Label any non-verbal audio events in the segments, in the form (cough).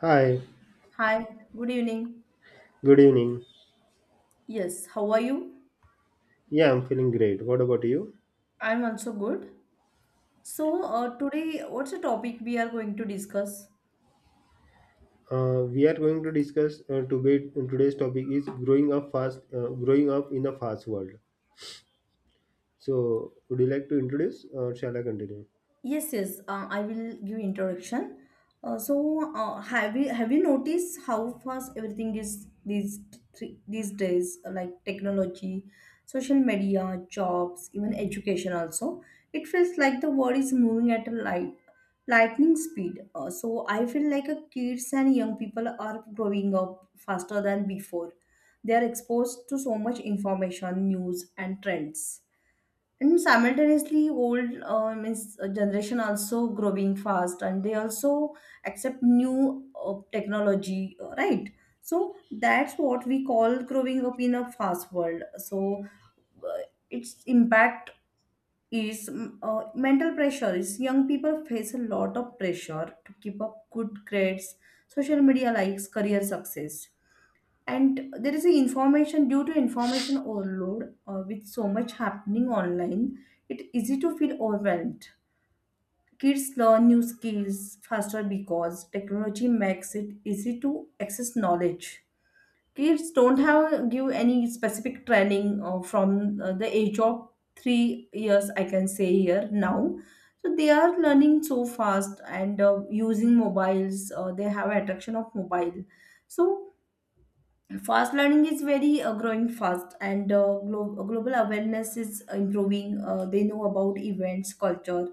Hi, Hi, good evening. good evening. Yes, how are you? Yeah, I'm feeling great. What about you? I'm also good. So, today, what's the topic we are going to discuss? We are going to discuss debate. Today's topic is growing up in a fast world. So, would you like to introduce, or shall I continue? Yes, yes, I will give introduction. Have you noticed how fast everything is these these days? Like technology, social media, jobs, even education. Also, it feels like the world is moving at a lightning speed. I feel like kids and young people are growing up faster than before. They are exposed to so much information, news, and trends, and simultaneously old means generation also growing fast, and they also accept new technology, right? So that's what we call growing up in a fast world. So uh, its impact is mental pressure is young people face a lot of pressure to keep up good grades, social media likes, career success. And there is a information, due to information overload, with so much happening online, it's easy to feel overwhelmed. Kids learn new skills faster because technology makes it easy to access knowledge. Kids don't have give any specific training from the age of 3 years, I can say here now. So they are learning so fast, and using mobiles, they have attraction of mobile. So fast learning is very growing fast, and global awareness is improving. They know about events, culture,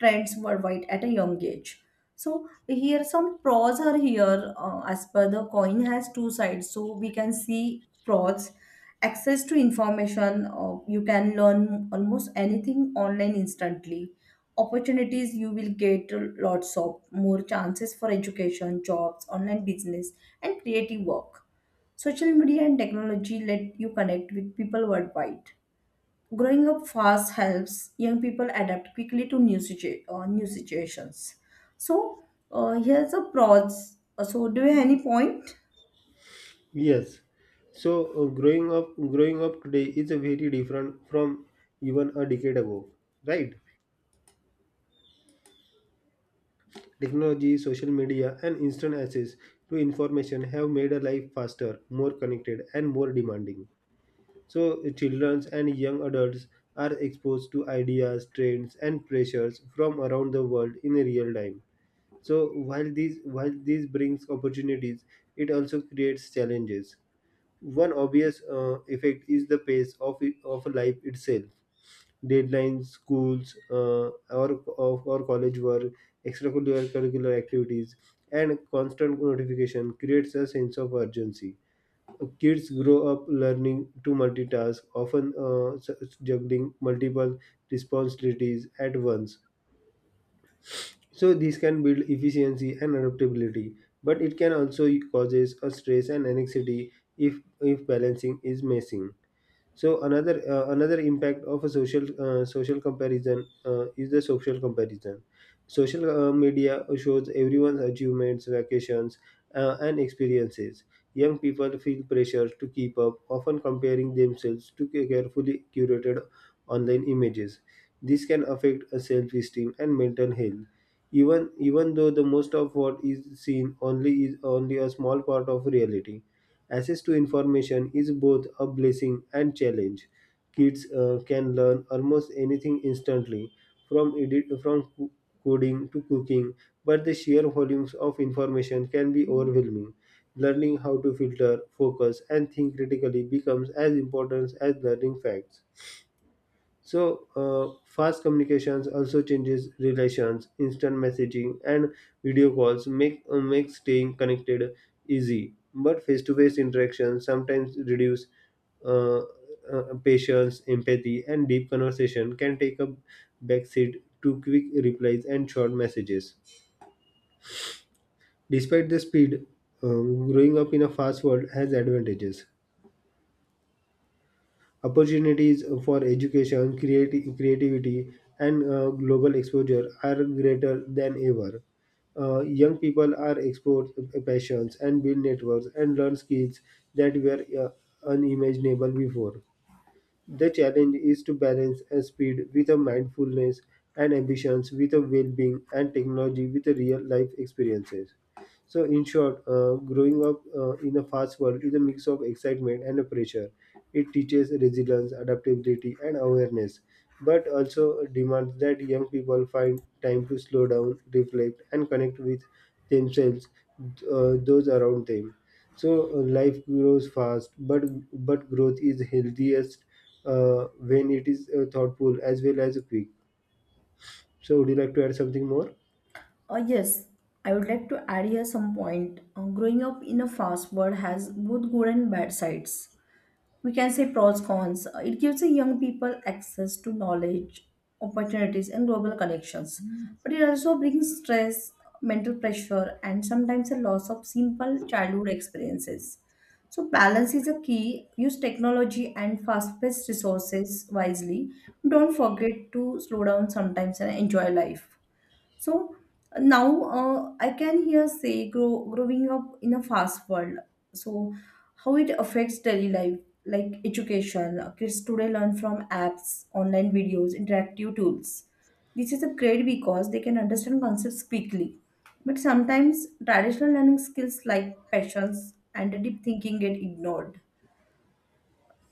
trends worldwide at a young age. So here some pros are here, as per the coin has two sides, so we can see pros. Access to information, you can learn almost anything online instantly. Opportunities you will get, lots of more chances for education, jobs, online business, and creative work. Social media and technology let you connect with people worldwide. Growing up fast helps young people adapt quickly to new, new situations. So, here's a pros. So, do you have any point? Yes. So, growing up today is a very different from even a decade ago, right? Technology, social media, and instant access to information have made our life faster, more connected, and more demanding. So, children and young adults are exposed to ideas, trends, and pressures from around the world in real time. So, while this brings opportunities, it also creates challenges. One obvious effect is the pace of life itself. Deadlines, schools, or college work, extracurricular curricular activities, and constant notification creates a sense of urgency. Kids grow up learning to multitask, often juggling multiple responsibilities at once. So this can build efficiency and adaptability, but it can also causes a stress and anxiety if balancing is missing. So another impact of a social comparison. Social media shows everyone's achievements, vacations, and experiences. Young people feel pressure to keep up, often comparing themselves to carefully curated online images. This can affect a self-esteem and mental health. Even though the most of what is seen only is only a small part of reality. Access to information is both a blessing and challenge. Kids can learn almost anything instantly, from edit, from co- coding to cooking, but the sheer volumes of information can be overwhelming. Learning how to filter, focus, and think critically becomes as important as learning facts. So, fast communications also changes relations. Instant messaging and video calls make staying connected easy, but face-to-face interactions sometimes reduce uh, patience, empathy, and deep conversation can take a backseat to quick replies and short messages. Despite the speed, growing up in a fast world has advantages. Opportunities for education, creativity, and global exposure are greater than ever. Young people are exposed to passions and build networks and learn skills that were unimaginable before. The challenge is to balance a speed with a mindfulness and ambitions with a well-being and technology with a real-life experiences. So, in short, growing up in a fast world is a mix of excitement and a pressure. It teaches resilience, adaptability, and awareness, but also demands that young people find time to slow down, reflect, and connect with themselves, those around them. So life grows fast, but growth is healthiest when it is thoughtful as well as quick. So would you like to add something more? Yes, I would like to add here some point. Growing up in a fast world has both good and bad sides. We can say pros, cons. It gives the young people access to knowledge, opportunities, and global connections, but it also brings stress, mental pressure, and sometimes a loss of simple childhood experiences. So balance is a key. Use technology and fast-paced resources wisely. Don't forget to slow down sometimes and enjoy life. So now, I can hear say growing up in a fast world. So how it affects daily life, like education. Kids today learn from apps, online videos, interactive tools. This is a great because they can understand concepts quickly. But sometimes traditional learning skills like passions and deep thinking get ignored.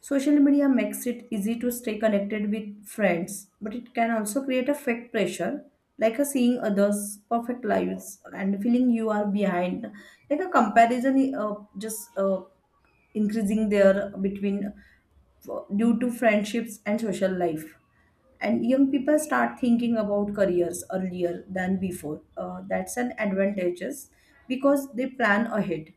Social media makes it easy to stay connected with friends, but it can also create a fake pressure, like a seeing others' perfect lives and feeling you are behind, like a comparison, just increasing there between, due to friendships and social life. And young people start thinking about careers earlier than before. That's an advantageous because they plan ahead.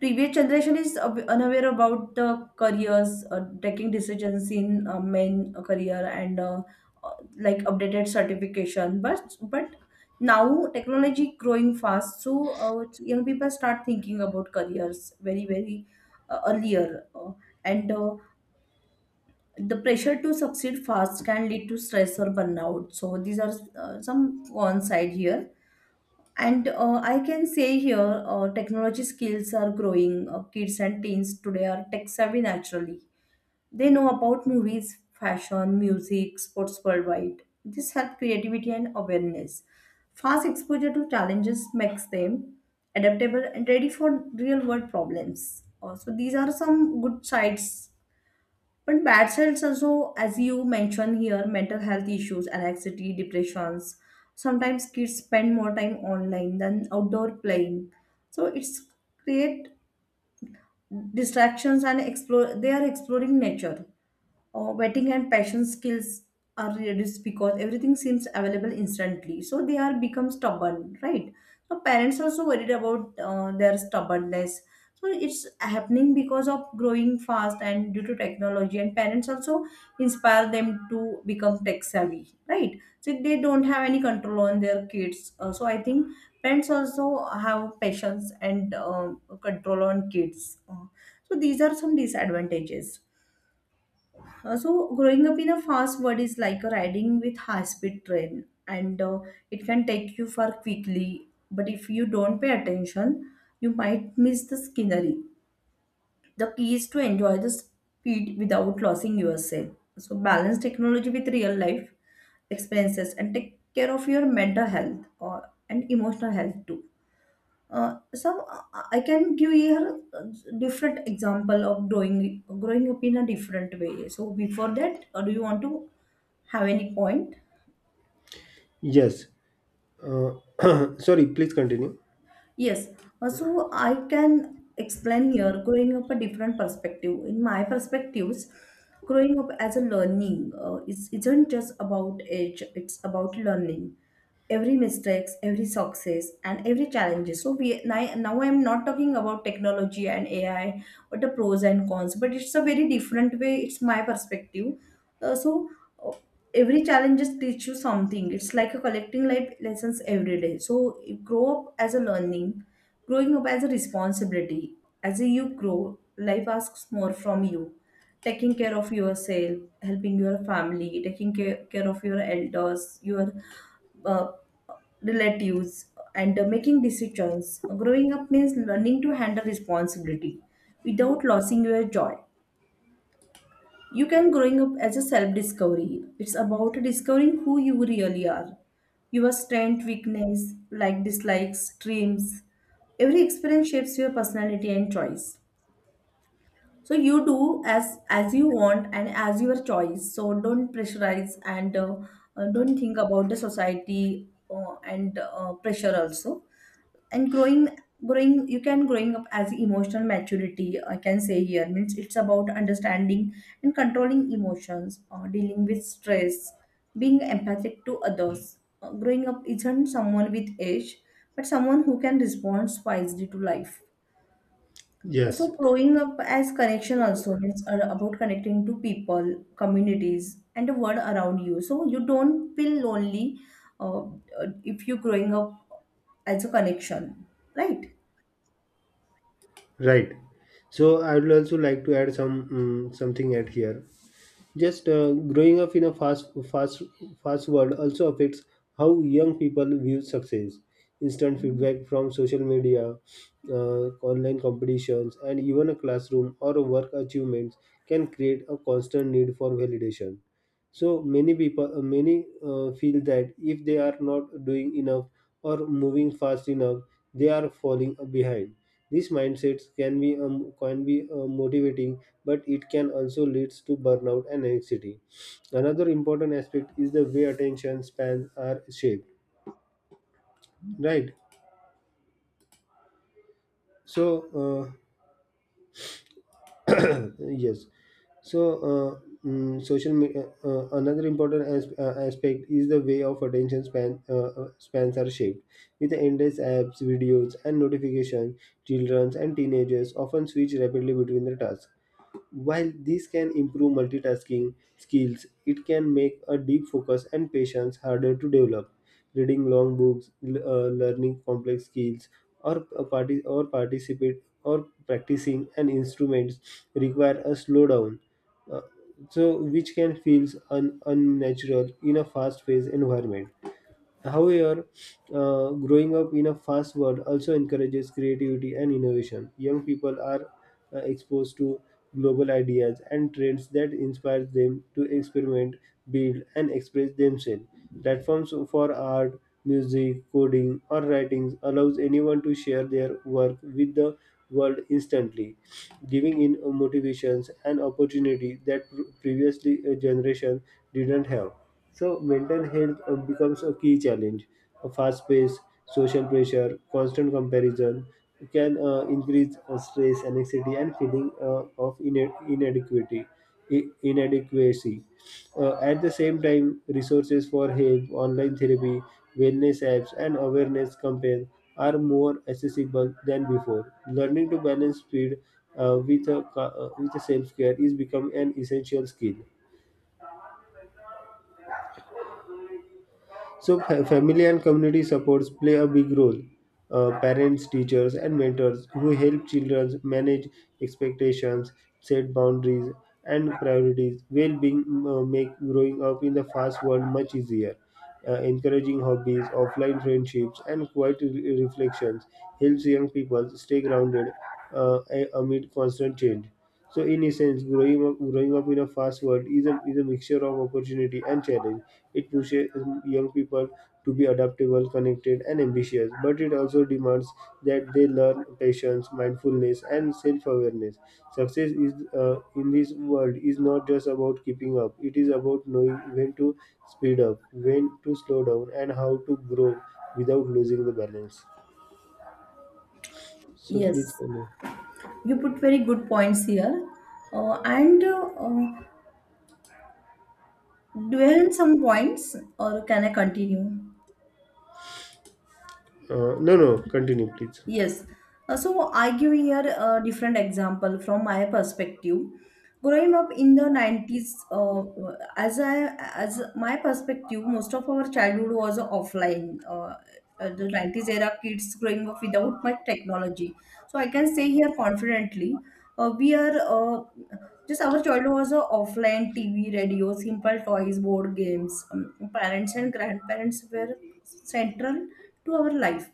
Previous generation is unaware about the careers, taking decisions in main career, and uh, like updated certification, but now technology growing fast. So young people start thinking about careers very very earlier, and the pressure to succeed fast can lead to stress or burnout. So these are some cons side here. And I can say here, technology skills are growing. Kids and teens today are tech savvy naturally. They know about movies, fashion, music, sports worldwide. This helps creativity and awareness. Fast exposure to challenges makes them adaptable and ready for real world problems. So, these are some good sides, but bad cells also, as you mentioned here, mental health issues, anxiety, depressions. Sometimes kids spend more time online than outdoor playing. So it's create distractions, and explore, they are exploring nature, wetting and passion skills are reduced because everything seems available instantly. So they are become stubborn, right? So parents also worried about their stubbornness. So it's happening because of growing fast and due to technology, and parents also inspire them to become tech savvy, right? So they don't have any control on their kids. So I think parents also have patience and control on kids. So these are some disadvantages. So, growing up in a fast world is like a riding with high-speed train, and it can take you far quickly. But if you don't pay attention, you might miss the scenery. The key is to enjoy the speed without losing yourself. So, balance technology with real life expenses and take care of your mental health or and emotional health too. Some I can give here different example of growing up in a different way. So before that, do you want to have any point? Yes. Uh, (coughs) (clears throat) sorry, please continue. Yes, so I can explain here growing up a different perspective. In my perspectives, growing up as a learning is isn't just about age, it's about learning. Every mistakes, every success, and every challenges. So we now I'm not talking about technology and AI, what the pros and cons, but it's a very different way. It's my perspective. Uh, so uh, every challenge just teach you something. It's like a collecting life lessons every day. So you grow up as a learning. Growing up as a responsibility, as you grow life asks more from you, taking care of yourself, helping your family, care of your elders, your uh, relatives, and making decisions. Growing up means learning to handle responsibility without losing your joy. You can growing up as a self-discovery. It's about discovering who you really are. Your strength, weakness, like dislikes, dreams. Every experience shapes your personality and choice. So you do as you want and as your choice. So don't pressurize, and don't think about the society, and pressure also. And growing growing you can growing up as emotional maturity, I can say here, means it's about understanding and controlling emotions, dealing with stress, being empathic to others. Growing up isn't someone with age, but someone who can respond wisely to life. Yes. So growing up as connection also means about connecting to people, communities, and the world around you, so you don't feel lonely, uh, uh, if you're growing up as a connection, right? Right. So I would also like to add something at here. Just growing up in a fast world also affects how young people view success. Instant feedback from social media, online competitions, and even a classroom or a work achievements can create a constant need for validation. So many people, many feel that if they are not doing enough or moving fast enough, they are falling behind. These mindsets can be motivating, but it can also leads to burnout and anxiety. Another important aspect is the way attention spans are shaped. Right. So uh, (clears throat) yes. So, uh, mm, social media. Another important aspect is the way of attention spans are shaped. With the endless apps, videos, and notifications, children and teenagers often switch rapidly between the tasks. While this can improve multitasking skills, it can make a deep focus and patience harder to develop. Reading long books, learning complex skills, or a parti- or participate or practicing an instrument require a slowdown, uh, so which can feel unnatural in a fast-paced environment. However, growing up in a fast world also encourages creativity and innovation. Young people are exposed to global ideas and trends that inspire them to experiment, build, and express themselves. Platforms for art, music, coding, or writings allows anyone to share their work with the world instantly, giving in motivations and opportunity that previously a generation didn't have. So mental health becomes a key challenge. A fast pace, social pressure, constant comparison can increase stress, anxiety, and feeling of inadequacy. At the same time, resources for help, online therapy, wellness apps, and awareness campaigns are more accessible than before. Learning to balance speed with a self-care is become an essential skill. So, family and community supports play a big role. Parents, teachers, and mentors who help children manage expectations, set boundaries, and priorities. Well-being make growing up in the fast world much easier. Encouraging hobbies, offline friendships, and quiet reflections helps young people stay grounded amid constant change. So, in essence, growing up in a fast world is a mixture of opportunity and challenge. It pushes young people to be adaptable, connected, and ambitious, but it also demands that they learn patience, mindfulness, and self awareness. Success is, in this world is not just about keeping up, it is about knowing when to speed up, when to slow down, and how to grow without losing the balance. So, Yes, please continue. you put very good points here. And do you have some points or can I continue? No, no, continue, please. Yes. So I give here a different example from my perspective. Growing up in the 90s, as my perspective, most of our childhood was offline. The 90s era kids growing up without much technology. So I can say here confidently, we are. Just our childhood was a offline TV, radio, simple toys, board games. Parents and grandparents were central to our life.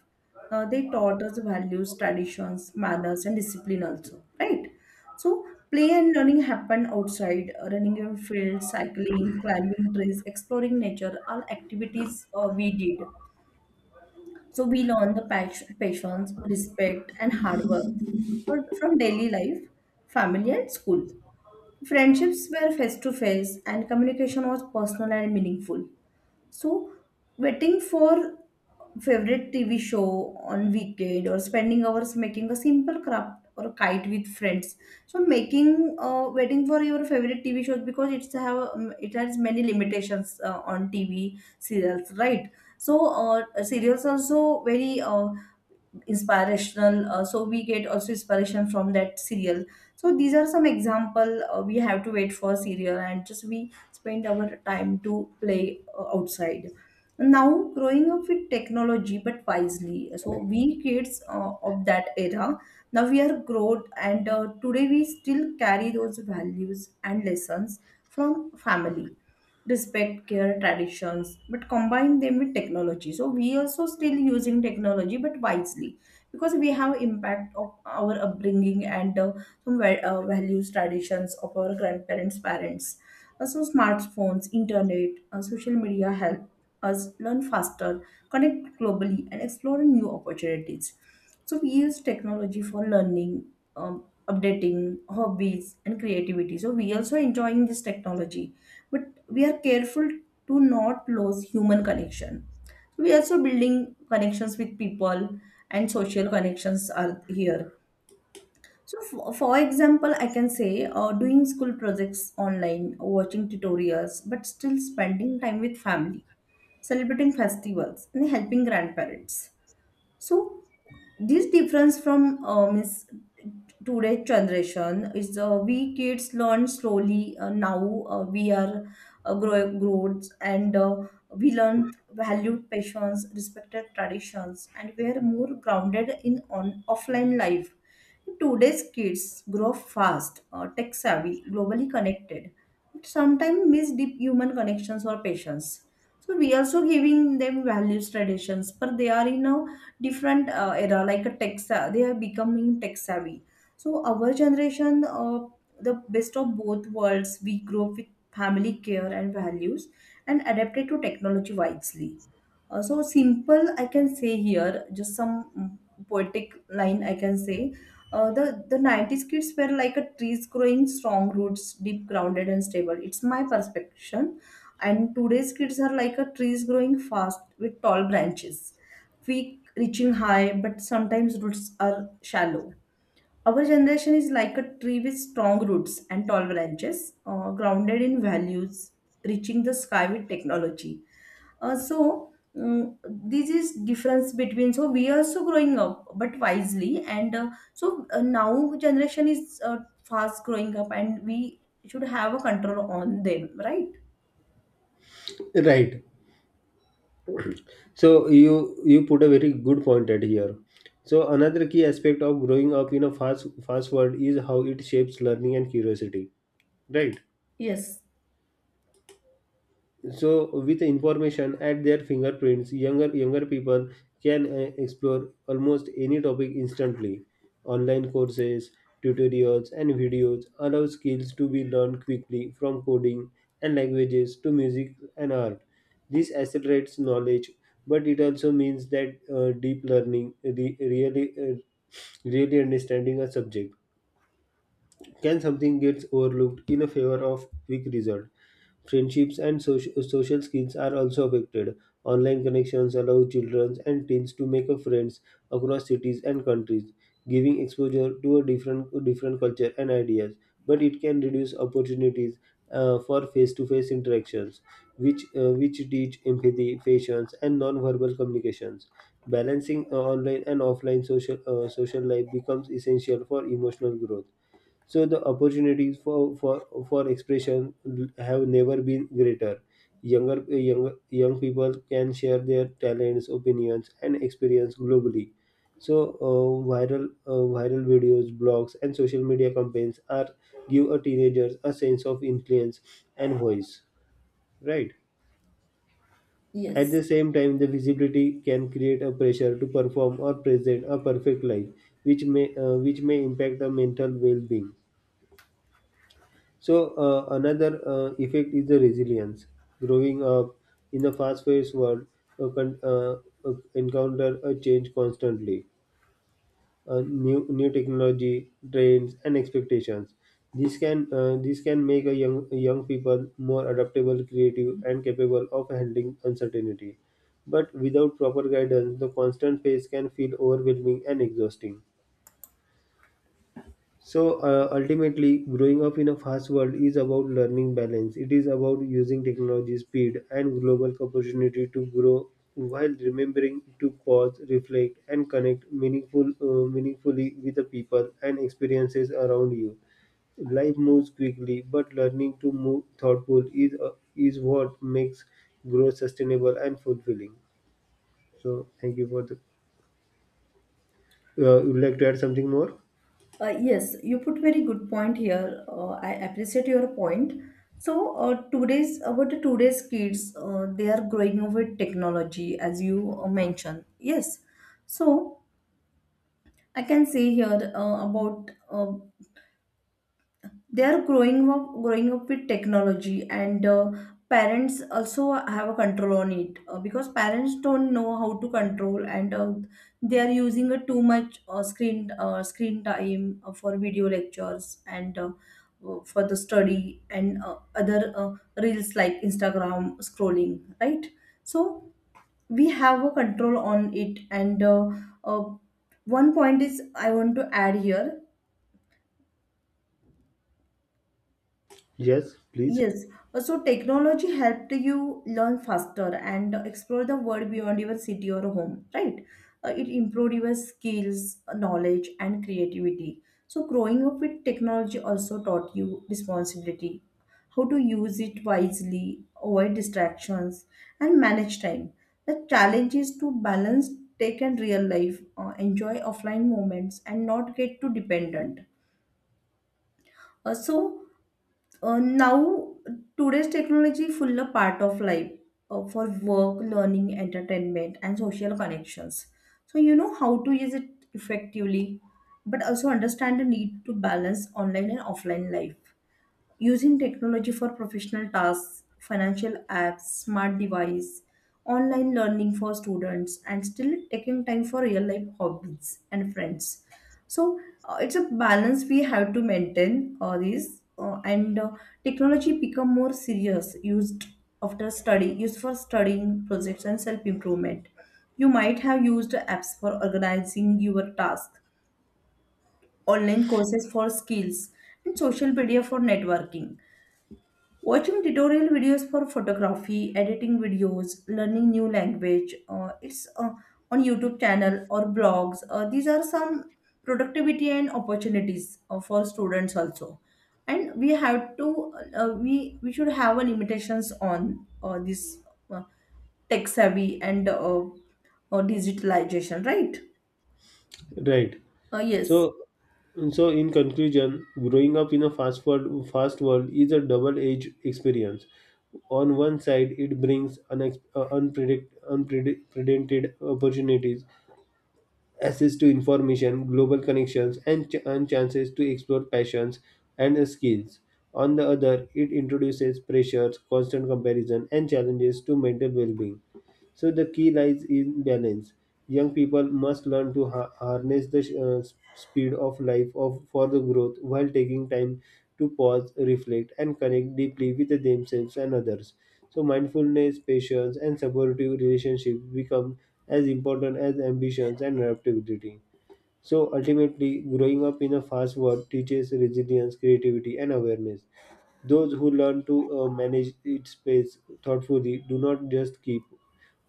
They taught us values, traditions, manners, and discipline also, right? So play and learning happened outside, running in field, cycling, climbing trees, exploring nature, all activities we did. So we learn the patience, respect, and hard work from daily life, family, and school. Friendships were face to face, and communication was personal and meaningful. So, waiting for favorite TV show on weekend, or spending hours making a simple craft or kite with friends. So, making, waiting for your favorite TV shows because it's have it has many limitations on TV serials, right? So, serials also very inspirational. So we get also inspiration from that serial. So these are some example. We have to wait for serial, and just we spend our time to play outside. Now growing up with technology but wisely. So we kids of that era, now we are grown, and today we still carry those values and lessons from family, respect, care, traditions, but combine them with technology. So we also still using technology but wisely, because we have impact of our upbringing and values, traditions of our grandparents, parents. Also smartphones, internet, social media help us learn faster, connect globally, and explore new opportunities. So we use technology for learning, updating hobbies and creativity. So we also enjoying this technology, but we are careful to not lose human connection. We also building connections with people, and social connections are here. So, for example, I can say doing school projects online, watching tutorials, but still spending time with family, celebrating festivals, and helping grandparents. So this difference from means today's generation is we kids learn slowly. Now we are growing growths and we learn valued passions, respected traditions, and we are more grounded in on offline life. Today's kids grow fast, tech savvy, globally connected, but sometimes miss deep human connections or patience. So we also giving them values traditions, but they are in a different era like a they are becoming tech savvy. So our generation, the best of both worlds, we grew up with family care and values and adapted to technology wisely. So simple I can say here, just some poetic line I can say. Uh, the 90s kids were like a trees growing strong roots, deep grounded and stable. It's my perception. And today's kids are like a trees growing fast with tall branches, peak reaching high, but sometimes roots are shallow. Our generation is like a tree with strong roots and tall branches, grounded in values, reaching the sky with technology. This is difference between, so we are also growing up but wisely. And so Now generation is fast growing up, and we should have a control on them, right? Right. So you put a very good point at here. So another key aspect of growing up in a fast world is how it shapes learning and curiosity, right? Yes, So with the information at their fingerprints younger people can explore almost any topic instantly. Online courses, tutorials, and videos allow skills to be learned quickly, from coding and languages to music and art. This accelerates knowledge, but it also means that deep learning really understanding a subject can something gets overlooked in a favor of quick result. Friendships and social skills are also affected. Online connections allow children and teens to make a friends across cities and countries, giving exposure to a different culture and ideas. But it can reduce opportunities for face-to-face interactions, which teach empathy, patience, and non-verbal communications. Balancing online and offline social life becomes essential for emotional growth. So the opportunities for expression have never been greater. Young people can share their talents, opinions, and experience globally. So viral videos, blogs, and social media campaigns are give a teenagers a sense of influence and voice. Right. At yes. the same time, the visibility can create a pressure to perform or present a perfect life, which may impact the mental well-being. So another effect is the resilience. Growing up in a fast-paced world, you can encounter a change constantly, new technology, trends, and expectations. This can make a young people more adaptable, creative, and capable of handling uncertainty. But without proper guidance, the constant pace can feel overwhelming and exhausting. So ultimately, growing up in a fast world is about learning balance. It is about using technology, speed, and global opportunity to grow while remembering to pause, reflect, and connect meaningfully with the people and experiences around you. Life moves quickly, but learning to move thoughtful is what makes growth sustainable and fulfilling. So, thank you for the. Would you like to add something more? Yes, you put very good point here. I appreciate your point. So today's about the today's kids, they are growing up with technology, as you mentioned. Yes. So I can say here about they are growing up with technology, and parents also have a control on it, because parents don't know how to control, and they are using a too much screen time for video lectures and for the study, and other reels like instagram scrolling, right? So we have a control on it, and uh, one point is I want to add here. Yes, please. Yes, so technology helped you learn faster and explore the world beyond your city or home, right? It improved your skills, knowledge, and creativity. So, growing up with technology also taught you responsibility, how to use it wisely, avoid distractions, and manage time. The challenge is to balance tech and real life, enjoy offline moments, and not get too dependent. Uh, so, uh, now, Today's technology full a part of life for work, learning, entertainment, and social connections. So you know how to use it effectively, but also understand the need to balance online and offline life. Using technology for professional tasks, financial apps, smart device, online learning for students, and still taking time for real life hobbies and friends. So it's a balance we have to maintain this, and technology become more serious used after study, used for studying projects and self improvement. You might have used apps for organizing your task, online courses for skills, and social media for networking. Watching tutorial videos for photography, editing videos, learning new language, it's on YouTube channel or blogs. These are some productivity and opportunities for students also. And we have to we we should have a limitations on this uh, tech savvy and digitalization, right? Right. Yes. So, so in conclusion, growing up in a fast world is a double-edged experience. On one side, it brings unprecedented opportunities, access to information, global connections, and, and chances to explore passions and skills. On the other, it introduces pressures, constant comparison, and challenges to mental well being. So the key lies in balance. Young people must learn to harness the speed of life of, for the growth while taking time to pause, reflect, and connect deeply with themselves and others. So mindfulness, patience, and supportive relationships become as important as ambitions and adaptability. So ultimately, growing up in a fast world teaches resilience, creativity, and awareness. Those who learn to manage its pace thoughtfully do not just keep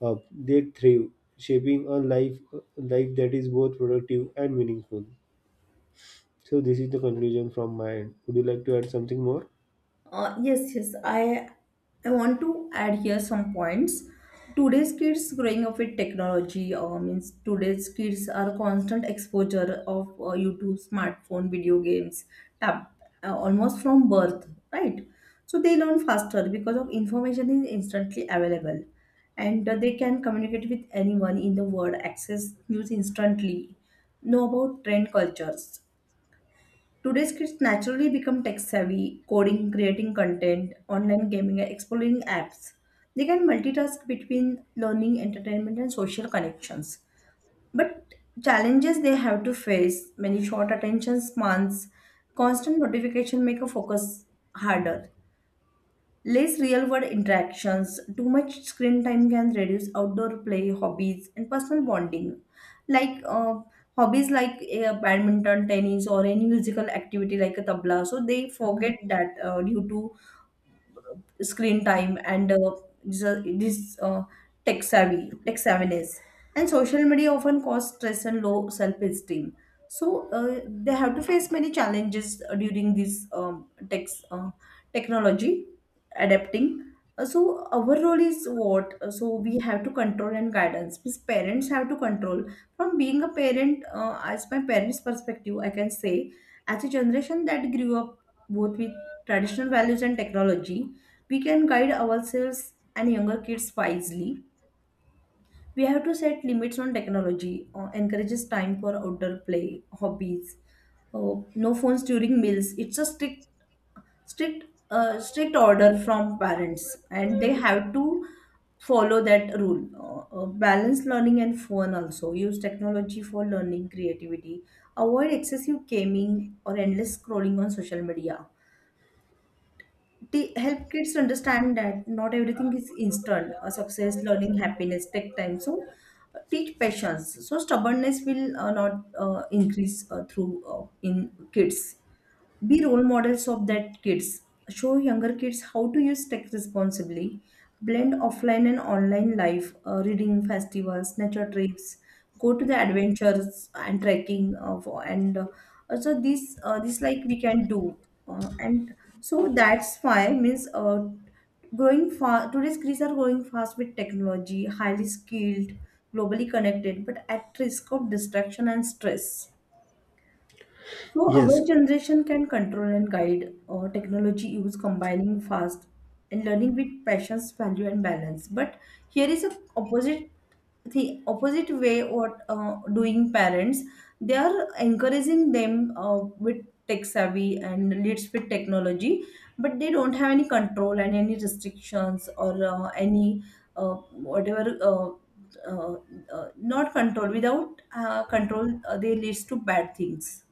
up, they thrive, shaping a life that is both productive and meaningful. So this is the conclusion from my end. Would you like to add something more? Yes, yes. I want to add here some points. Today's kids growing up with technology means today's kids are constant exposure of YouTube, smartphone, video games, tab, almost from birth, right? So they learn faster because of information is instantly available, and they can communicate with anyone in the world, access news instantly, know about trend cultures. Today's kids naturally become tech savvy, coding, creating content, online gaming, and exploring apps. They can multitask between learning, entertainment, and social connections. But challenges they have to face many, short attention spans, constant notification make a focus harder. Less real world interactions, too much screen time can reduce outdoor play, hobbies, and personal bonding. Like hobbies like badminton, tennis, or any musical activity like a tabla. So they forget that due to screen time and this, this tech savvy tech savviness and social media often cause stress and low self-esteem. So they have to face many challenges during this uh, technology adapting. So our role is what? So we have to control and guidance, means parents have to control from being a parent. As my parents perspective I can say, as a generation that grew up both with traditional values and technology, we can guide ourselves and younger kids wisely. We have to set limits on technology, encourages time for outdoor play, hobbies, no phones during meals. It's a strict, strict order from parents, and they have to follow that rule. Balance learning and fun also. Use technology for learning, creativity. Avoid excessive gaming or endless scrolling on social media. They help kids understand that not everything is instant. Success, learning, happiness take time. So teach patience. So stubbornness will not increase through in kids. Be role models of that kids, show younger kids how to use tech responsibly, blend offline and online life, reading festivals, nature trips, go to the adventures and trekking for, and also this, this like we can do. Uh, and so that's why, means growing fast, today's kids are growing fast with technology, highly skilled, globally connected, but at risk of distraction and stress. So our Yes, generation can control and guide technology use, combining fast and learning with passions, value and balance. But here is a opposite, the opposite way what doing parents, they are encouraging them with tech savvy and leads with technology, but they don't have any control and any restrictions or any uh, whatever uh, not control without control, they leads to bad things.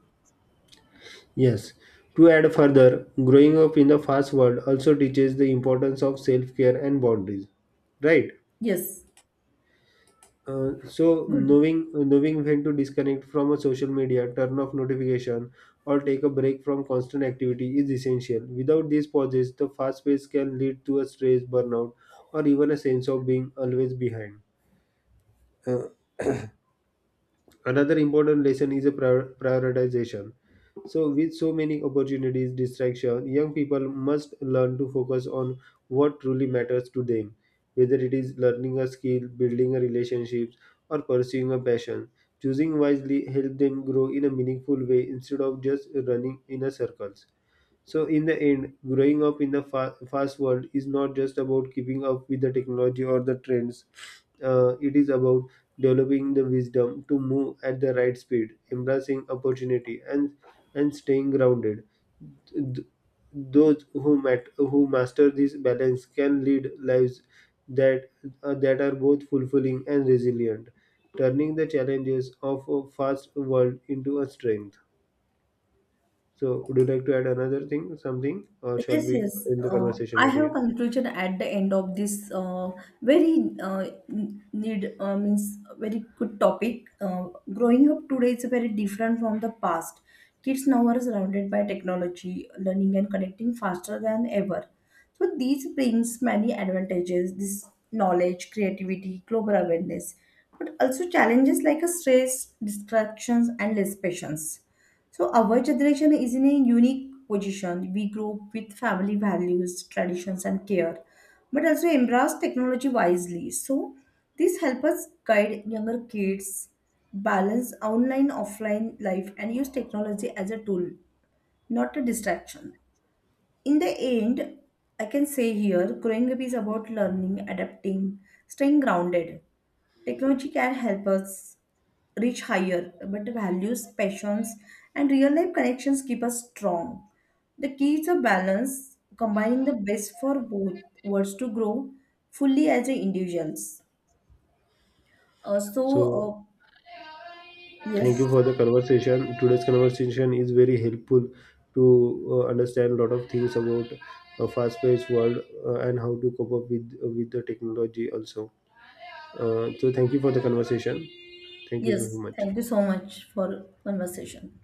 yes. To add further, growing up in the fast world also teaches the importance of self care and boundaries, right? Yes, So good. knowing when to disconnect from a social media, turn off notification, or take a break from constant activity is essential. Without these pauses, the fast pace can lead to a stress, burnout, or even a sense of being always behind. Uh, Another important lesson is a prioritization. So, with so many opportunities, distraction, young people must learn to focus on what truly matters to them, whether it is learning a skill, building a relationship, or pursuing a passion. Choosing wisely help them grow in a meaningful way instead of just running in a circles. So, in the end, growing up in the fast world is not just about keeping up with the technology or the trends. It is about developing the wisdom to move at the right speed, embracing opportunity, and staying grounded. Th- those who master this balance can lead lives that that are both fulfilling and resilient, turning the challenges of a fast world into a strength. So, would you like to add another thing, something, or shall Yes, we yes. end the conversation I right have here? conclusion at the end of this, very n- need means very good topic. Growing up today is very different from the past. Kids now are surrounded by technology, learning and connecting faster than ever. So these brings many advantages. This knowledge, creativity, global awareness, but also challenges like a stress, distractions, and less patience. So our generation is in a unique position. We grew up with family values, traditions, and care, but also embrace technology wisely. So this helps us guide younger kids, balance online offline life, and use technology as a tool, not a distraction. In the end, I can say here, growing up is about learning, adapting, staying grounded. Technology can help us reach higher, but values, passions, and real life connections keep us strong. The key is a balance, combining the best for both worlds to grow fully as a individuals. Uh, so, So, uh, thank yes, you for the conversation. Today's conversation is very helpful to understand a lot of things about a fast-paced world and how to cope up with the technology also. So, thank you for the conversation. Thank you yes, very much. thank you so much for conversation.